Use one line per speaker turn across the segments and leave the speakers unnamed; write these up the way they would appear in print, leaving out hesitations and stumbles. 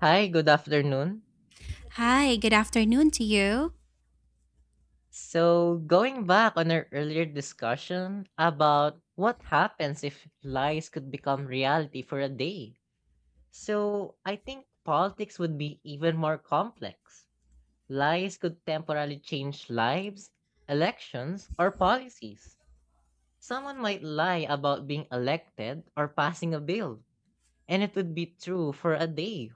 Hi, good afternoon.
Hi, good afternoon to you.
So, going back on our earlier discussion about what happens if lies could become reality for a day. So, I think politics would be even more complex. Lies could temporarily change lives, elections, or policies. Someone might lie about being elected or passing a bill, and it would be true for a day.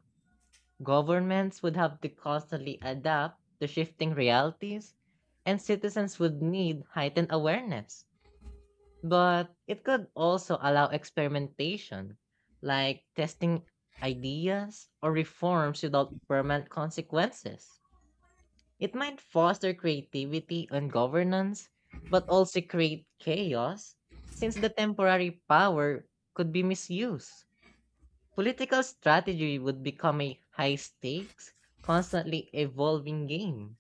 Governments would have to constantly adapt to shifting realities, and citizens would need heightened awareness. But it could also allow experimentation, like testing ideas or reforms without permanent consequences. It might foster creativity and governance, but also create chaos, since the temporary power could be misused. Political strategy would become a high stakes, constantly evolving game.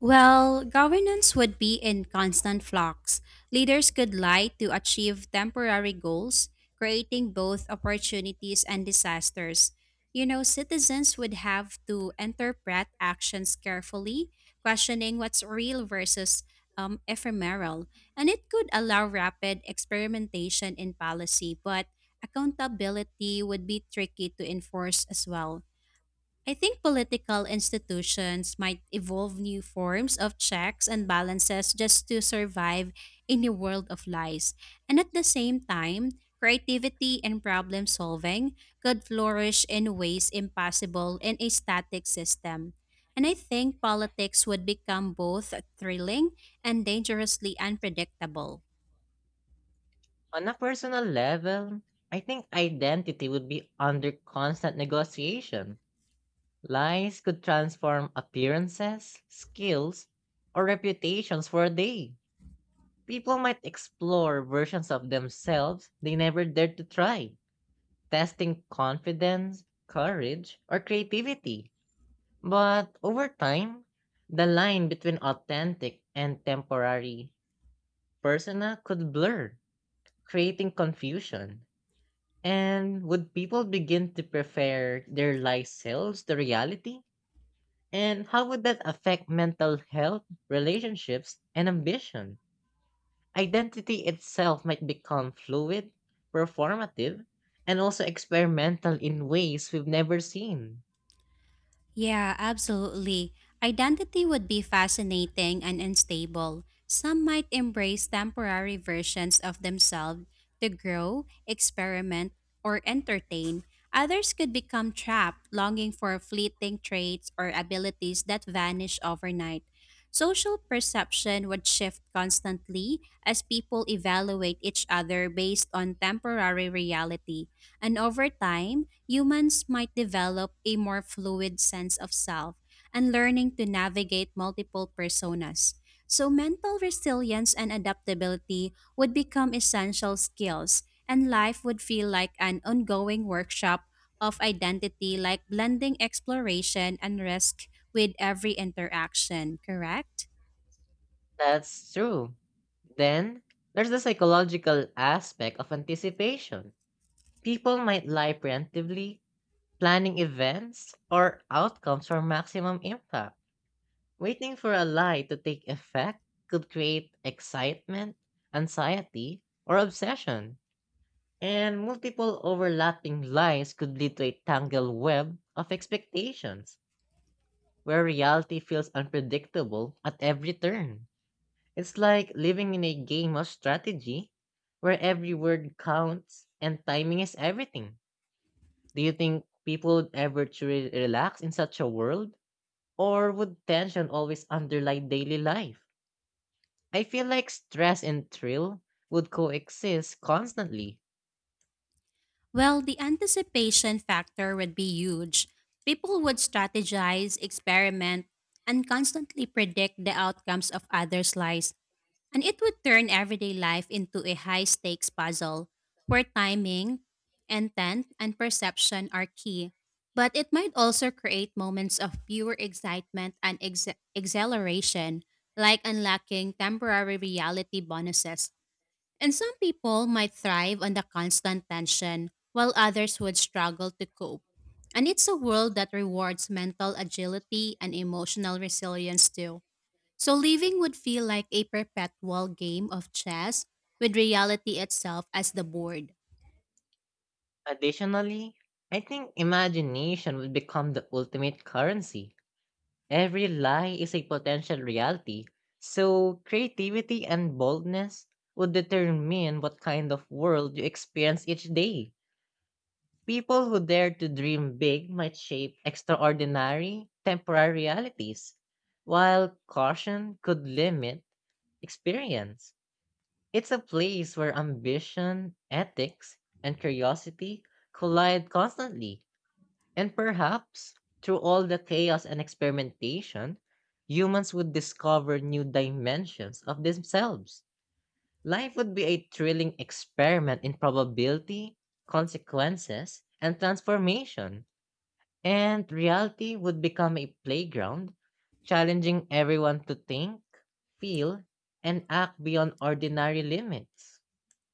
Well, governance would be in constant flux. Leaders could lie to achieve temporary goals, creating both opportunities and disasters. You know, citizens would have to interpret actions carefully, questioning what's real versus ephemeral. And it could allow rapid experimentation in policy, but accountability would be tricky to enforce as well. I think political institutions might evolve new forms of checks and balances just to survive in a world of lies. And at the same time, creativity and problem solving could flourish in ways impossible in a static system. And I think politics would become both thrilling and dangerously unpredictable.
On a personal level, I think identity would be under constant negotiation. Lies could transform appearances, skills, or reputations for a day. People might explore versions of themselves they never dared to try, testing confidence, courage, or creativity. But over time, the line between authentic and temporary persona could blur, creating confusion. And would people begin to prefer their lies selves to reality? And how would that affect mental health, relationships, and ambition? Identity itself might become fluid, performative, and also experimental in ways we've never seen.
Yeah, absolutely. Identity would be fascinating and unstable. Some might embrace temporary versions of themselves to grow, experiment, or entertain. Others could become trapped, longing for fleeting traits or abilities that vanish overnight. Social perception would shift constantly as people evaluate each other based on temporary reality. And over time, humans might develop a more fluid sense of self and learning to navigate multiple personas. So, mental resilience and adaptability would become essential skills, and life would feel like an ongoing workshop of identity, like blending exploration and risk with every interaction, correct?
That's true. Then there's the psychological aspect of anticipation. People might lie preemptively, planning events or outcomes for maximum impact. Waiting for a lie to take effect could create excitement, anxiety, or obsession. And multiple overlapping lies could lead to a tangled web of expectations, where reality feels unpredictable at every turn. It's like living in a game of strategy where every word counts and timing is everything. Do you think people would ever truly relax in such a world? Or would tension always underlie daily life? I feel like stress and thrill would coexist constantly.
Well, the anticipation factor would be huge. People would strategize, experiment, and constantly predict the outcomes of others' lives, and it would turn everyday life into a high stakes puzzle where timing, intent, and perception are key. But it might also create moments of pure excitement and exhilaration, like unlocking temporary reality bonuses, and some people might thrive on the constant tension, while others would struggle to cope. And it's a world that rewards mental agility and emotional resilience too. So living would feel like a perpetual game of chess with reality itself as the board.
Additionally, I think imagination would become the ultimate currency. Every lie is a potential reality, so creativity and boldness would determine what kind of world you experience each day. People who dare to dream big might shape extraordinary, temporary realities, while caution could limit experience. It's a place where ambition, ethics, and curiosity collide constantly. And perhaps, through all the chaos and experimentation, humans would discover new dimensions of themselves. Life would be a thrilling experiment in probability, consequences, and transformation. And reality would become a playground, challenging everyone to think, feel, and act beyond ordinary limits.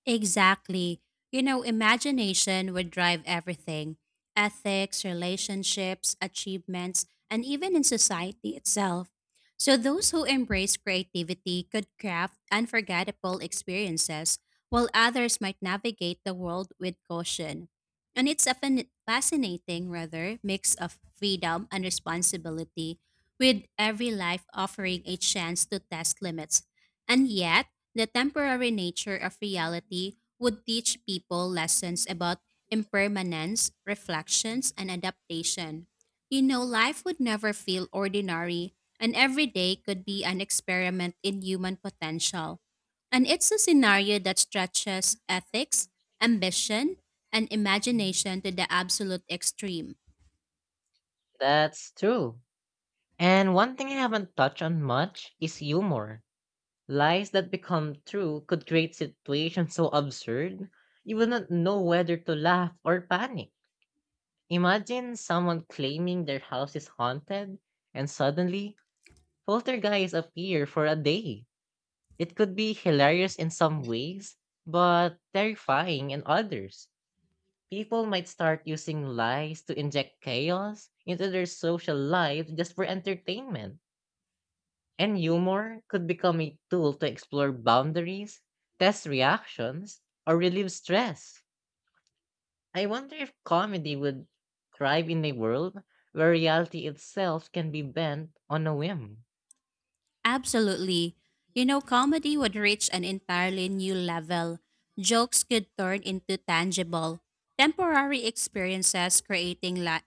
Exactly. You know, imagination would drive everything: ethics, relationships, achievements, and even in society itself. So, those who embrace creativity could craft unforgettable experiences, while others might navigate the world with caution. And it's a fascinating, rather, mix of freedom and responsibility, with every life offering a chance to test limits. And yet, the temporary nature of reality would teach people lessons about impermanence, reflections, and adaptation. You know, life would never feel ordinary, and every day could be an experiment in human potential. And it's a scenario that stretches ethics, ambition, and imagination to the absolute extreme.
That's true. And one thing I haven't touched on much is humor. Lies that become true could create situations so absurd, you will not know whether to laugh or panic. Imagine someone claiming their house is haunted, and suddenly, poltergeists appear for a day. It could be hilarious in some ways, but terrifying in others. People might start using lies to inject chaos into their social lives just for entertainment. And humor could become a tool to explore boundaries, test reactions, or relieve stress. I wonder if comedy would thrive in a world where reality itself can be bent on a whim.
Absolutely. You know, comedy would reach an entirely new level. Jokes could turn into tangible, temporary experiences, creating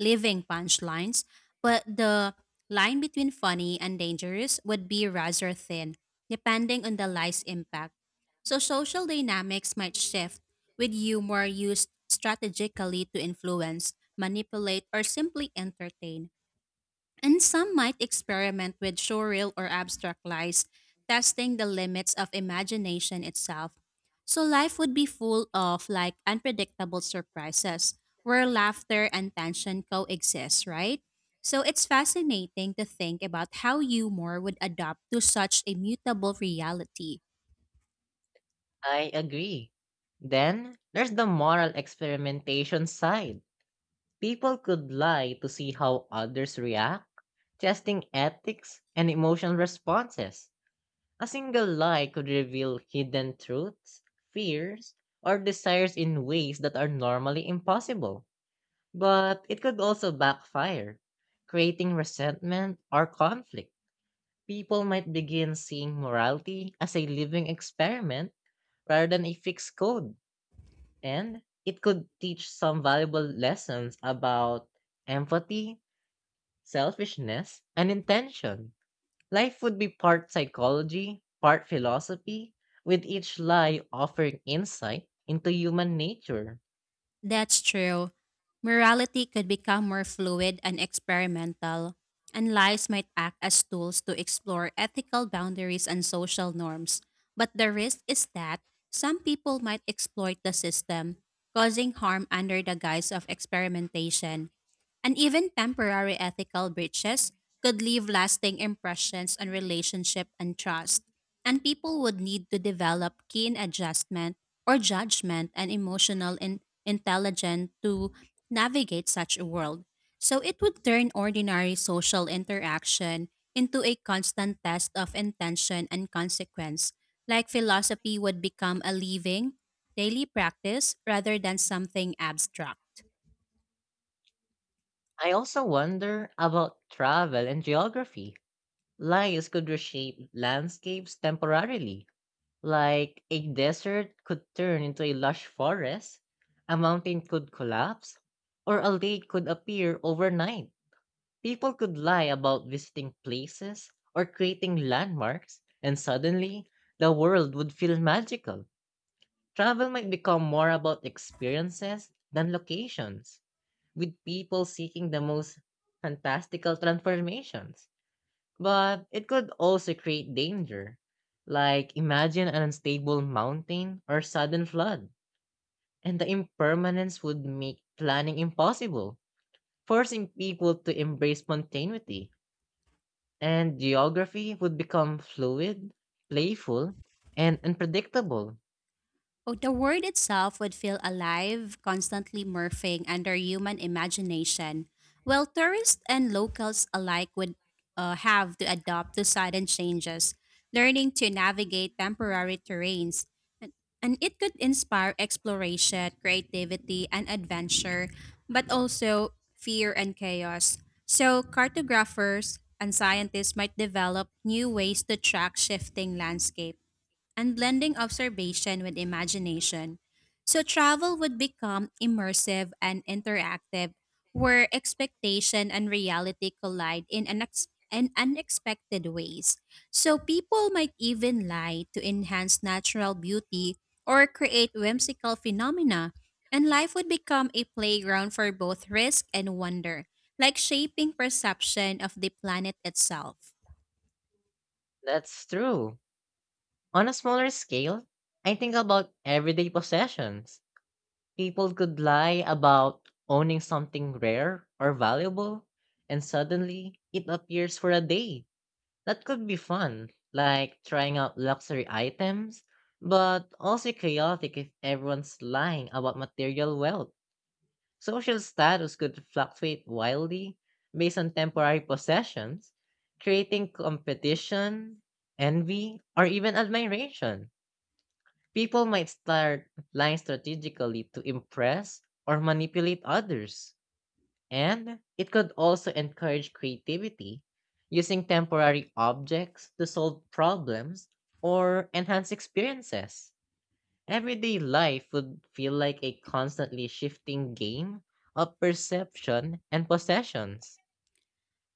living punchlines, but the line between funny and dangerous would be rather thin, depending on the lie's impact. So, social dynamics might shift, with humor used strategically to influence, manipulate, or simply entertain. And some might experiment with surreal or abstract lies, testing the limits of imagination itself. So life would be full of like unpredictable surprises where laughter and tension coexist, right? So it's fascinating to think about how humor would adapt to such a mutable reality.
I agree. Then there's the moral experimentation side. People could lie to see how others react, testing ethics and emotional responses. A single lie could reveal hidden truths, fears, or desires in ways that are normally impossible. But it could also backfire, creating resentment or conflict. People might begin seeing morality as a living experiment rather than a fixed code, and it could teach some valuable lessons about empathy, selfishness, and intention. Life would be part psychology, part philosophy, with each lie offering insight into human nature.
That's true. Morality could become more fluid and experimental, and lives might act as tools to explore ethical boundaries and social norms. But the risk is that some people might exploit the system, causing harm under the guise of experimentation. And even temporary ethical breaches could leave lasting impressions on relationship and trust. And people would need to develop keen adjustment or judgment and emotional intelligence to navigate such a world. So it would turn ordinary social interaction into a constant test of intention and consequence. Like philosophy would become a living, daily practice rather than something abstract.
I also wonder about travel and geography. Lies could reshape landscapes temporarily, like a desert could turn into a lush forest, a mountain could collapse, or a lake could appear overnight. People could lie about visiting places or creating landmarks, and suddenly the world would feel magical. Travel might become more about experiences than locations, with people seeking the most fantastical transformations. But it could also create danger. Like imagine an unstable mountain or sudden flood, and the impermanence would make planning impossible, forcing people to embrace spontaneity, and geography would become fluid, playful, and unpredictable.
Oh, the word itself would feel alive, constantly morphing under human imagination, while tourists and locals alike would have to adapt to sudden changes, learning to navigate temporary terrains. And, and it could inspire exploration, creativity, and adventure, but also fear and chaos. So, cartographers and scientists might develop new ways to track shifting landscape and blending observation with imagination. So travel would become immersive and interactive, where expectation and reality collide in unexpected ways. So people might even lie to enhance natural beauty or create whimsical phenomena, and life would become a playground for both risk and wonder, like shaping perception of the planet itself.
That's true. On a smaller scale, I think about everyday possessions. People could lie about owning something rare or valuable, and suddenly it appears for a day. That could be fun, like trying out luxury items, but also chaotic if everyone's lying about material wealth. Social status could fluctuate wildly based on temporary possessions, creating competition, envy, or even admiration. People might start lying strategically to impress or manipulate others. And it could also encourage creativity, using temporary objects to solve problems or enhance experiences. Everyday life would feel like a constantly shifting game of perception and possessions.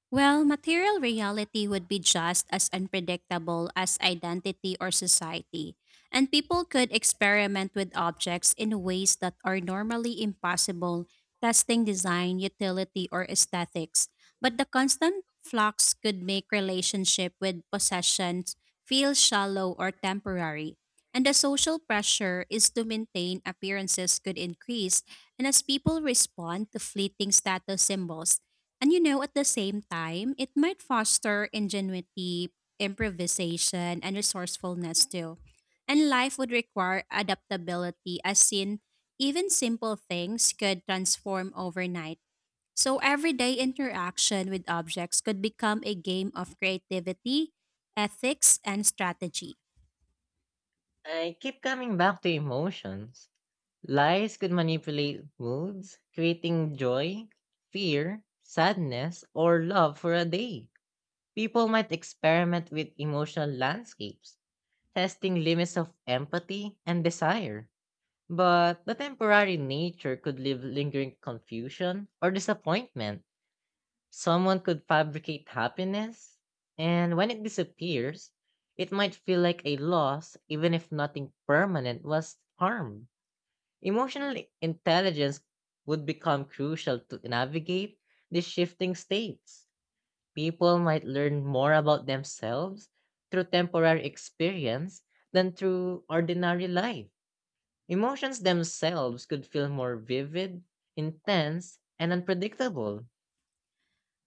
Well, material reality would be just as unpredictable as identity or society, and people could experiment with objects in ways that are normally impossible, testing design, utility, or aesthetics. But the constant flux could make relationship with possessions feel shallow or temporary. And the social pressure is to maintain appearances could increase, and as people respond to fleeting status symbols, and you know, at the same time, it might foster ingenuity, improvisation, and resourcefulness too. And life would require adaptability, as in, even simple things could transform overnight. So, everyday interaction with objects could become a game of creativity, ethics, and strategy.
I keep coming back to emotions. Lies could manipulate moods, creating joy, fear, sadness, or love for a day. People might experiment with emotional landscapes, testing limits of empathy and desire. But the temporary nature could leave lingering confusion or disappointment. Someone could fabricate happiness, and when it disappears, it might feel like a loss even if nothing permanent was harmed. Emotional intelligence would become crucial to navigate these shifting states. People might learn more about themselves through temporary experience than through ordinary life. Emotions themselves could feel more vivid, intense, and unpredictable.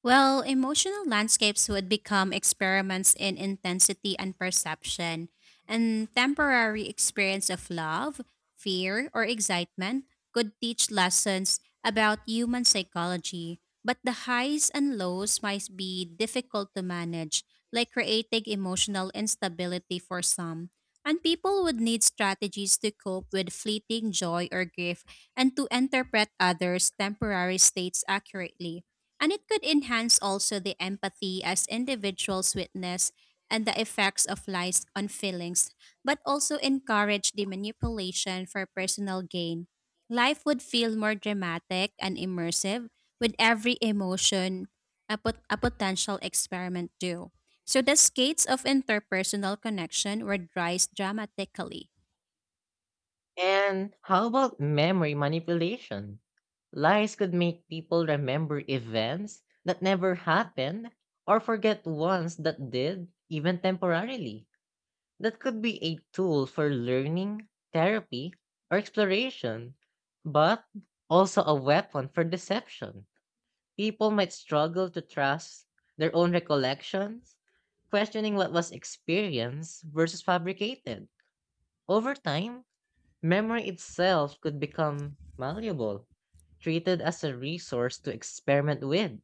Well, emotional landscapes would become experiments in intensity and perception, and temporary experience of love, fear, or excitement could teach lessons about human psychology. But the highs and lows might be difficult to manage, like creating emotional instability for some. And people would need strategies to cope with fleeting joy or grief and to interpret others' temporary states accurately. And it could enhance also the empathy as individuals witness and the effects of lies on feelings, but also encourage the manipulation for personal gain. Life would feel more dramatic and immersive with every emotion a potential experiment do. So the skates of interpersonal connection were rise dramatically.
And how about memory manipulation? Lies could make people remember events that never happened or forget ones that did, even temporarily. That could be a tool for learning, therapy, or exploration, but also a weapon for deception. People might struggle to trust their own recollections, questioning what was experienced versus fabricated. Over time, memory itself could become malleable, treated as a resource to experiment with.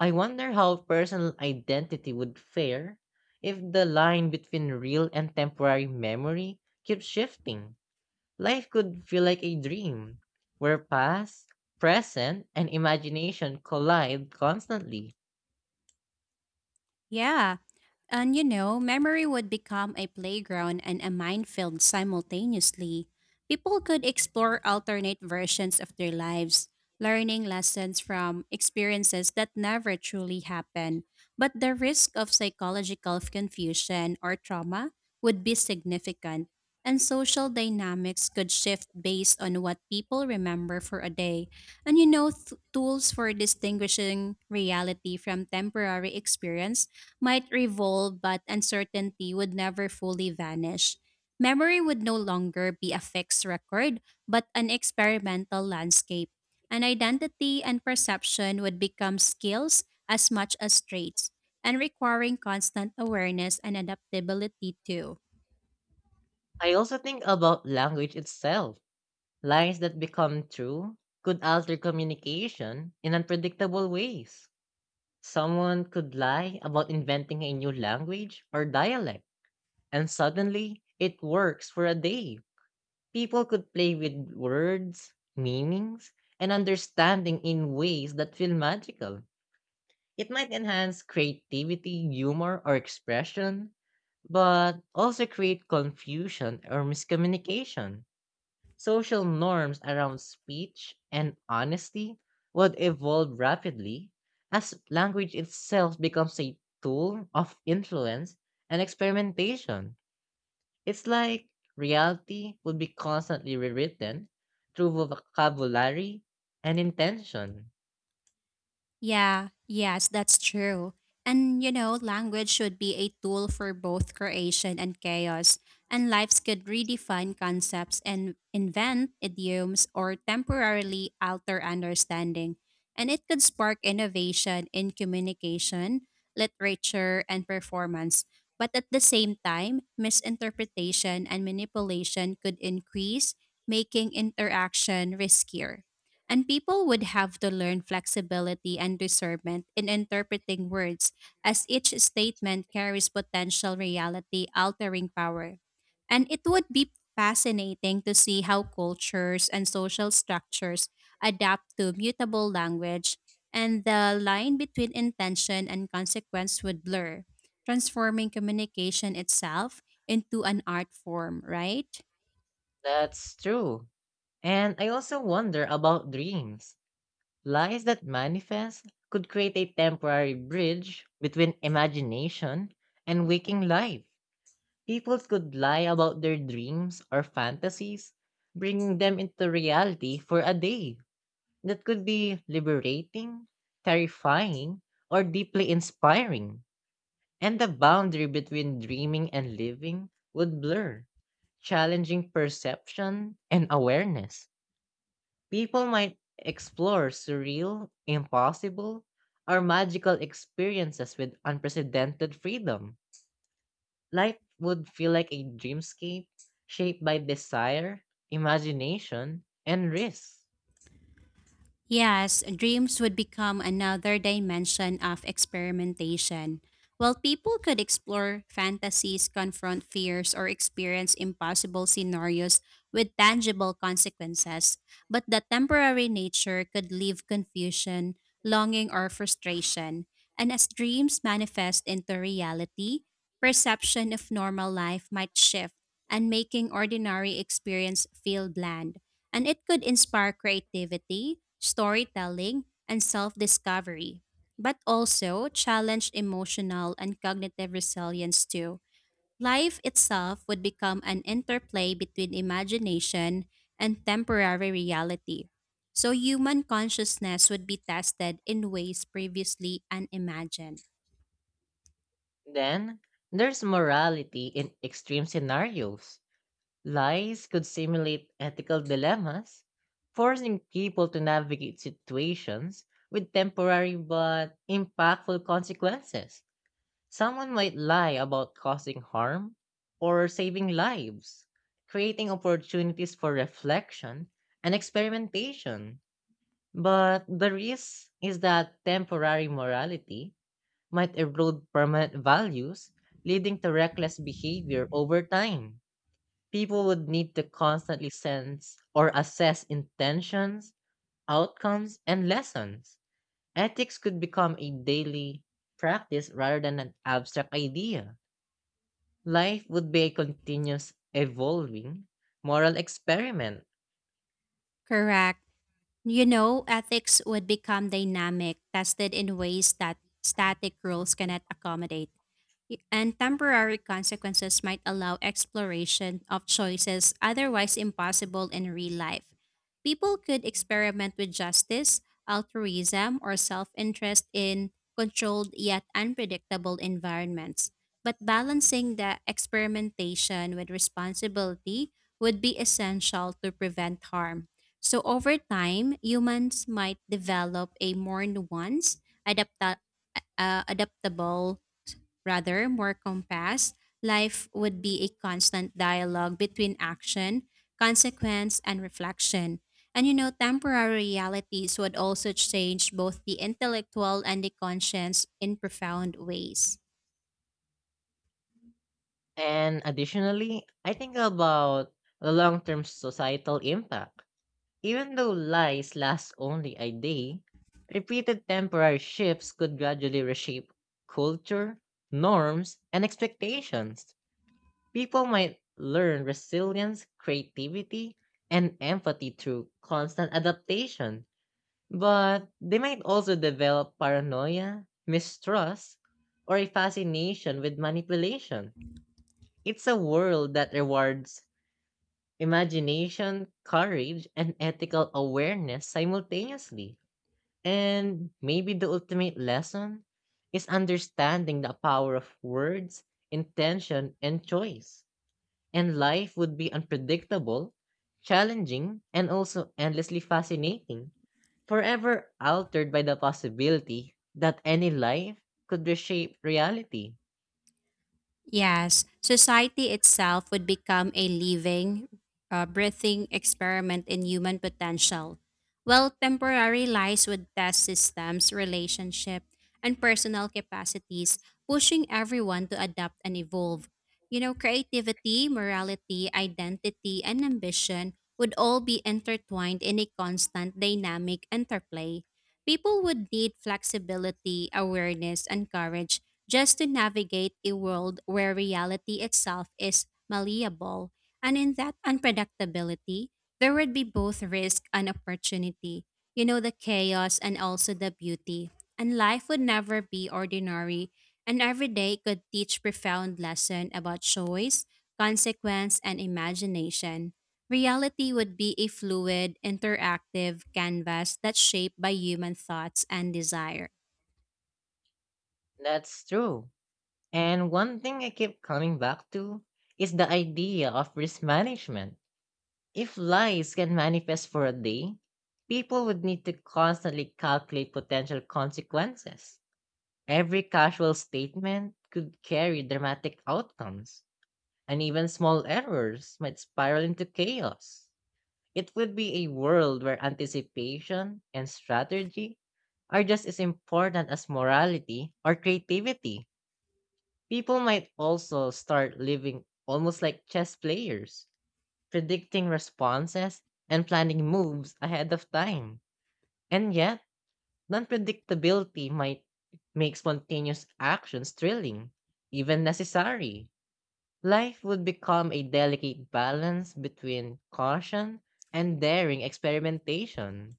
I wonder how personal identity would fare if the line between real and temporary memory keeps shifting. Life could feel like a dream, where past, present, and imagination collide constantly.
Yeah. And you know, memory would become a playground and a minefield simultaneously. People could explore alternate versions of their lives, learning lessons from experiences that never truly happened. But the risk of psychological confusion or trauma would be significant, and social dynamics could shift based on what people remember for a day. And you know, tools for distinguishing reality from temporary experience might revolve, but uncertainty would never fully vanish. Memory would no longer be a fixed record, but an experimental landscape. And identity and perception would become skills as much as traits, and requiring constant awareness and adaptability too.
I also think about language itself. Lines that become true could alter communication in unpredictable ways. Someone could lie about inventing a new language or dialect, and suddenly it works for a day. People could play with words, meanings, and understanding in ways that feel magical. It might enhance creativity, humor, or expression, but also create confusion or miscommunication. Social norms around speech and honesty would evolve rapidly as language itself becomes a tool of influence and experimentation. It's like reality would be constantly rewritten through vocabulary and intention.
Yeah, yes, that's true. And you know, language should be a tool for both creation and chaos, and lives could redefine concepts and invent idioms or temporarily alter understanding. And it could spark innovation in communication, literature, and performance. But at the same time, misinterpretation and manipulation could increase, making interaction riskier. And people would have to learn flexibility and discernment in interpreting words, as each statement carries potential reality altering power. And it would be fascinating to see how cultures and social structures adapt to mutable language, and the line between intention and consequence would blur, transforming communication itself into an art form, right?
That's true. And I also wonder about dreams. Lies that manifest could create a temporary bridge between imagination and waking life. People could lie about their dreams or fantasies, bringing them into reality for a day. That could be liberating, terrifying, or deeply inspiring. And the boundary between dreaming and living would blur, challenging perception and awareness. People might explore surreal, impossible, or magical experiences with unprecedented freedom. Life would feel like a dreamscape shaped by desire, imagination, and risk.
Yes, dreams would become another dimension of experimentation. While people could explore fantasies, confront fears, or experience impossible scenarios with tangible consequences, but the temporary nature could leave confusion, longing, or frustration. And as dreams manifest into reality, perception of normal life might shift and making ordinary experience feel bland, and it could inspire creativity, storytelling, and self discovery, but also challenge emotional and cognitive resilience too. Life itself would become an interplay between imagination and temporary reality. So, human consciousness would be tested in ways previously unimagined.
Then, there's morality in extreme scenarios. Lies could simulate ethical dilemmas, forcing people to navigate situations with temporary but impactful consequences. Someone might lie about causing harm or saving lives, creating opportunities for reflection and experimentation. But the risk is that temporary morality might erode permanent values, leading to reckless behavior over time. People would need to constantly sense or assess intentions, outcomes, and lessons. Ethics could become a daily practice rather than an abstract idea. Life would be a continuous, evolving moral experiment.
Correct. You know, ethics would become dynamic, tested in ways that static rules cannot accommodate. And temporary consequences might allow exploration of choices otherwise impossible in real life. People could experiment with justice, altruism, or self interest in controlled yet unpredictable environments. But balancing the experimentation with responsibility would be essential to prevent harm. So, over time, humans might develop a more nuanced, adaptable. Rather, more compassed, life would be a constant dialogue between action, consequence, and reflection. And you know, temporary realities would also change both the intellectual and the conscience in profound ways.
And additionally, I think about the long term societal impact. Even though lies last only a day, repeated temporary shifts could gradually reshape culture, norms, and expectations. People might learn resilience, creativity, and empathy through constant adaptation, but they might also develop paranoia, mistrust, or a fascination with manipulation. It's a world that rewards imagination, courage, and ethical awareness simultaneously. And maybe the ultimate lesson is understanding the power of words, intention, and choice. And life would be unpredictable, challenging, and also endlessly fascinating, forever altered by the possibility that any life could reshape reality.
Yes, society itself would become a living, breathing experiment in human potential. While temporary lies would test systems, relationship, and personal capacities, pushing everyone to adapt and evolve. You know, creativity, morality, identity, and ambition would all be intertwined in a constant dynamic interplay. People would need flexibility, awareness, and courage just to navigate a world where reality itself is malleable. And in that unpredictability, there would be both risk and opportunity. You know, the chaos and also the beauty. And life would never be ordinary, and every day could teach profound lesson about choice, consequence, and imagination. Reality would be a fluid, interactive canvas that's shaped by human thoughts and desire.
That's true. And one thing I keep coming back to is the idea of risk management. If lies can manifest for a day, people would need to constantly calculate potential consequences. Every casual statement could carry dramatic outcomes, and even small errors might spiral into chaos. It would be a world where anticipation and strategy are just as important as morality or creativity. People might also start living almost like chess players, predicting responses and planning moves ahead of time. And yet, unpredictability might make spontaneous actions thrilling, even necessary. Life would become a delicate balance between caution and daring experimentation.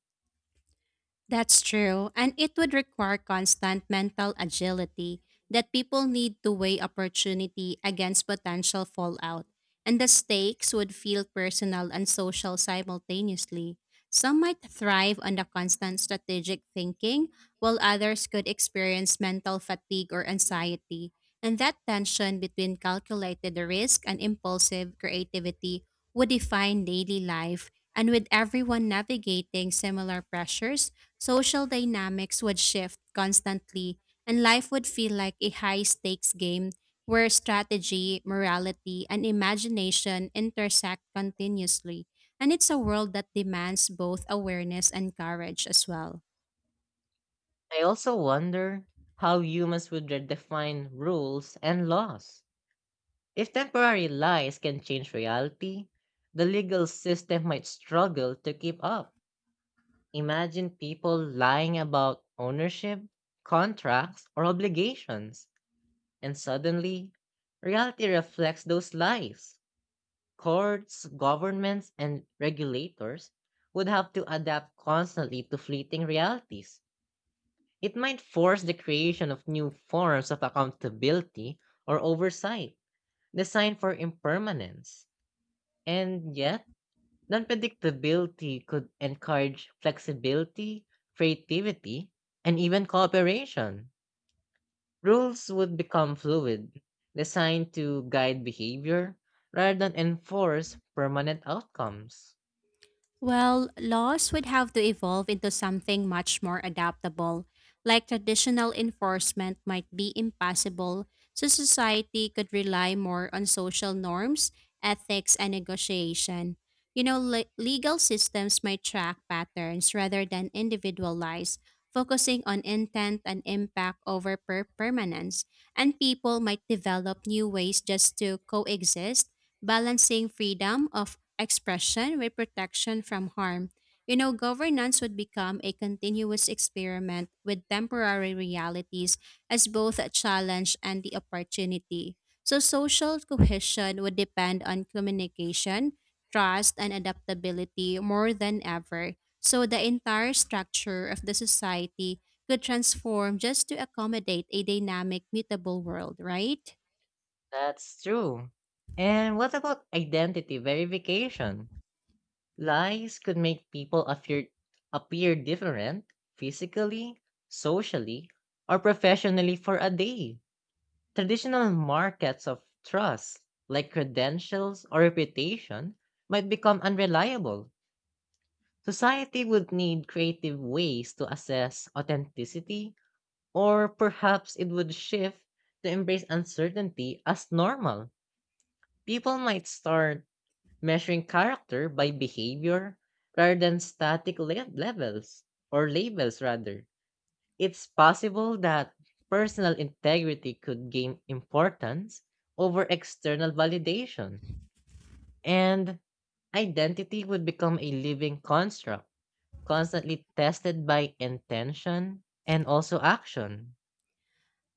That's true, and it would require constant mental agility that people need to weigh opportunity against potential fallout, and the stakes would feel personal and social simultaneously. Some might thrive on the constant strategic thinking, while others could experience mental fatigue or anxiety. And that tension between calculated risk and impulsive creativity would define daily life, and with everyone navigating similar pressures, social dynamics would shift constantly, and life would feel like a high stakes game where strategy, morality, and imagination intersect continuously. And it's a world that demands both awareness and courage as well.
I also wonder how humans would redefine rules and laws. If temporary lies can change reality, the legal system might struggle to keep up. Imagine people lying about ownership, contracts, or obligations, and suddenly, reality reflects those lies. Courts, governments, and regulators would have to adapt constantly to fleeting realities. It might force the creation of new forms of accountability or oversight designed for impermanence. And yet, unpredictability could encourage flexibility, creativity, and even cooperation. Rules would become fluid, designed to guide behavior rather than enforce permanent outcomes.
Well, laws would have to evolve into something much more adaptable. Like traditional enforcement might be impossible, so society could rely more on social norms, ethics, and negotiation. You know, legal systems might track patterns rather than individual lies, focusing on intent and impact over permanence. And people might develop new ways just to coexist, balancing freedom of expression with protection from harm. You know, governance would become a continuous experiment with temporary realities as both a challenge and the opportunity. So, social cohesion would depend on communication, trust, and adaptability more than ever. So, the entire structure of the society could transform just to accommodate a dynamic, mutable world, right?
That's true. And what about identity verification? Lies could make people appear different physically, socially, or professionally for a day. Traditional markets of trust, like credentials or reputation, might become unreliable. Society would need creative ways to assess authenticity, or perhaps it would shift to embrace uncertainty as normal. People might start measuring character by behavior rather than static levels, or labels rather. It's possible that personal integrity could gain importance over external validation, and identity would become a living construct, constantly tested by intention and also action.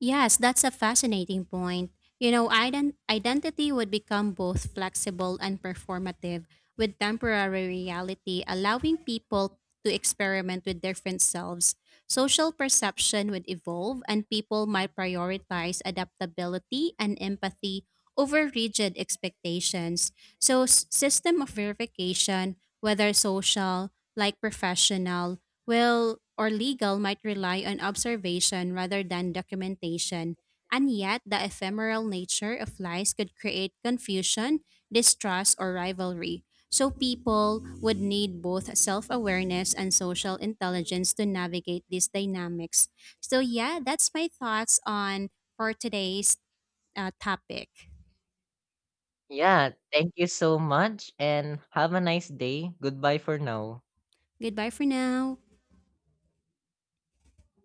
Yes, that's a fascinating point. You know, identity would become both flexible and performative, with temporary reality allowing people to experiment with different selves. Social perception would evolve, and people might prioritize adaptability and empathy over rigid expectations. So, system of verification, whether social, like professional, will or legal might rely on observation rather than documentation, and yet the ephemeral nature of lies could create confusion, distrust, or rivalry. So people would need both self-awareness and social intelligence to navigate these dynamics. So yeah, that's my thoughts on for today's topic.
Yeah, thank you so much and have a nice day. Goodbye for now.
Goodbye for now.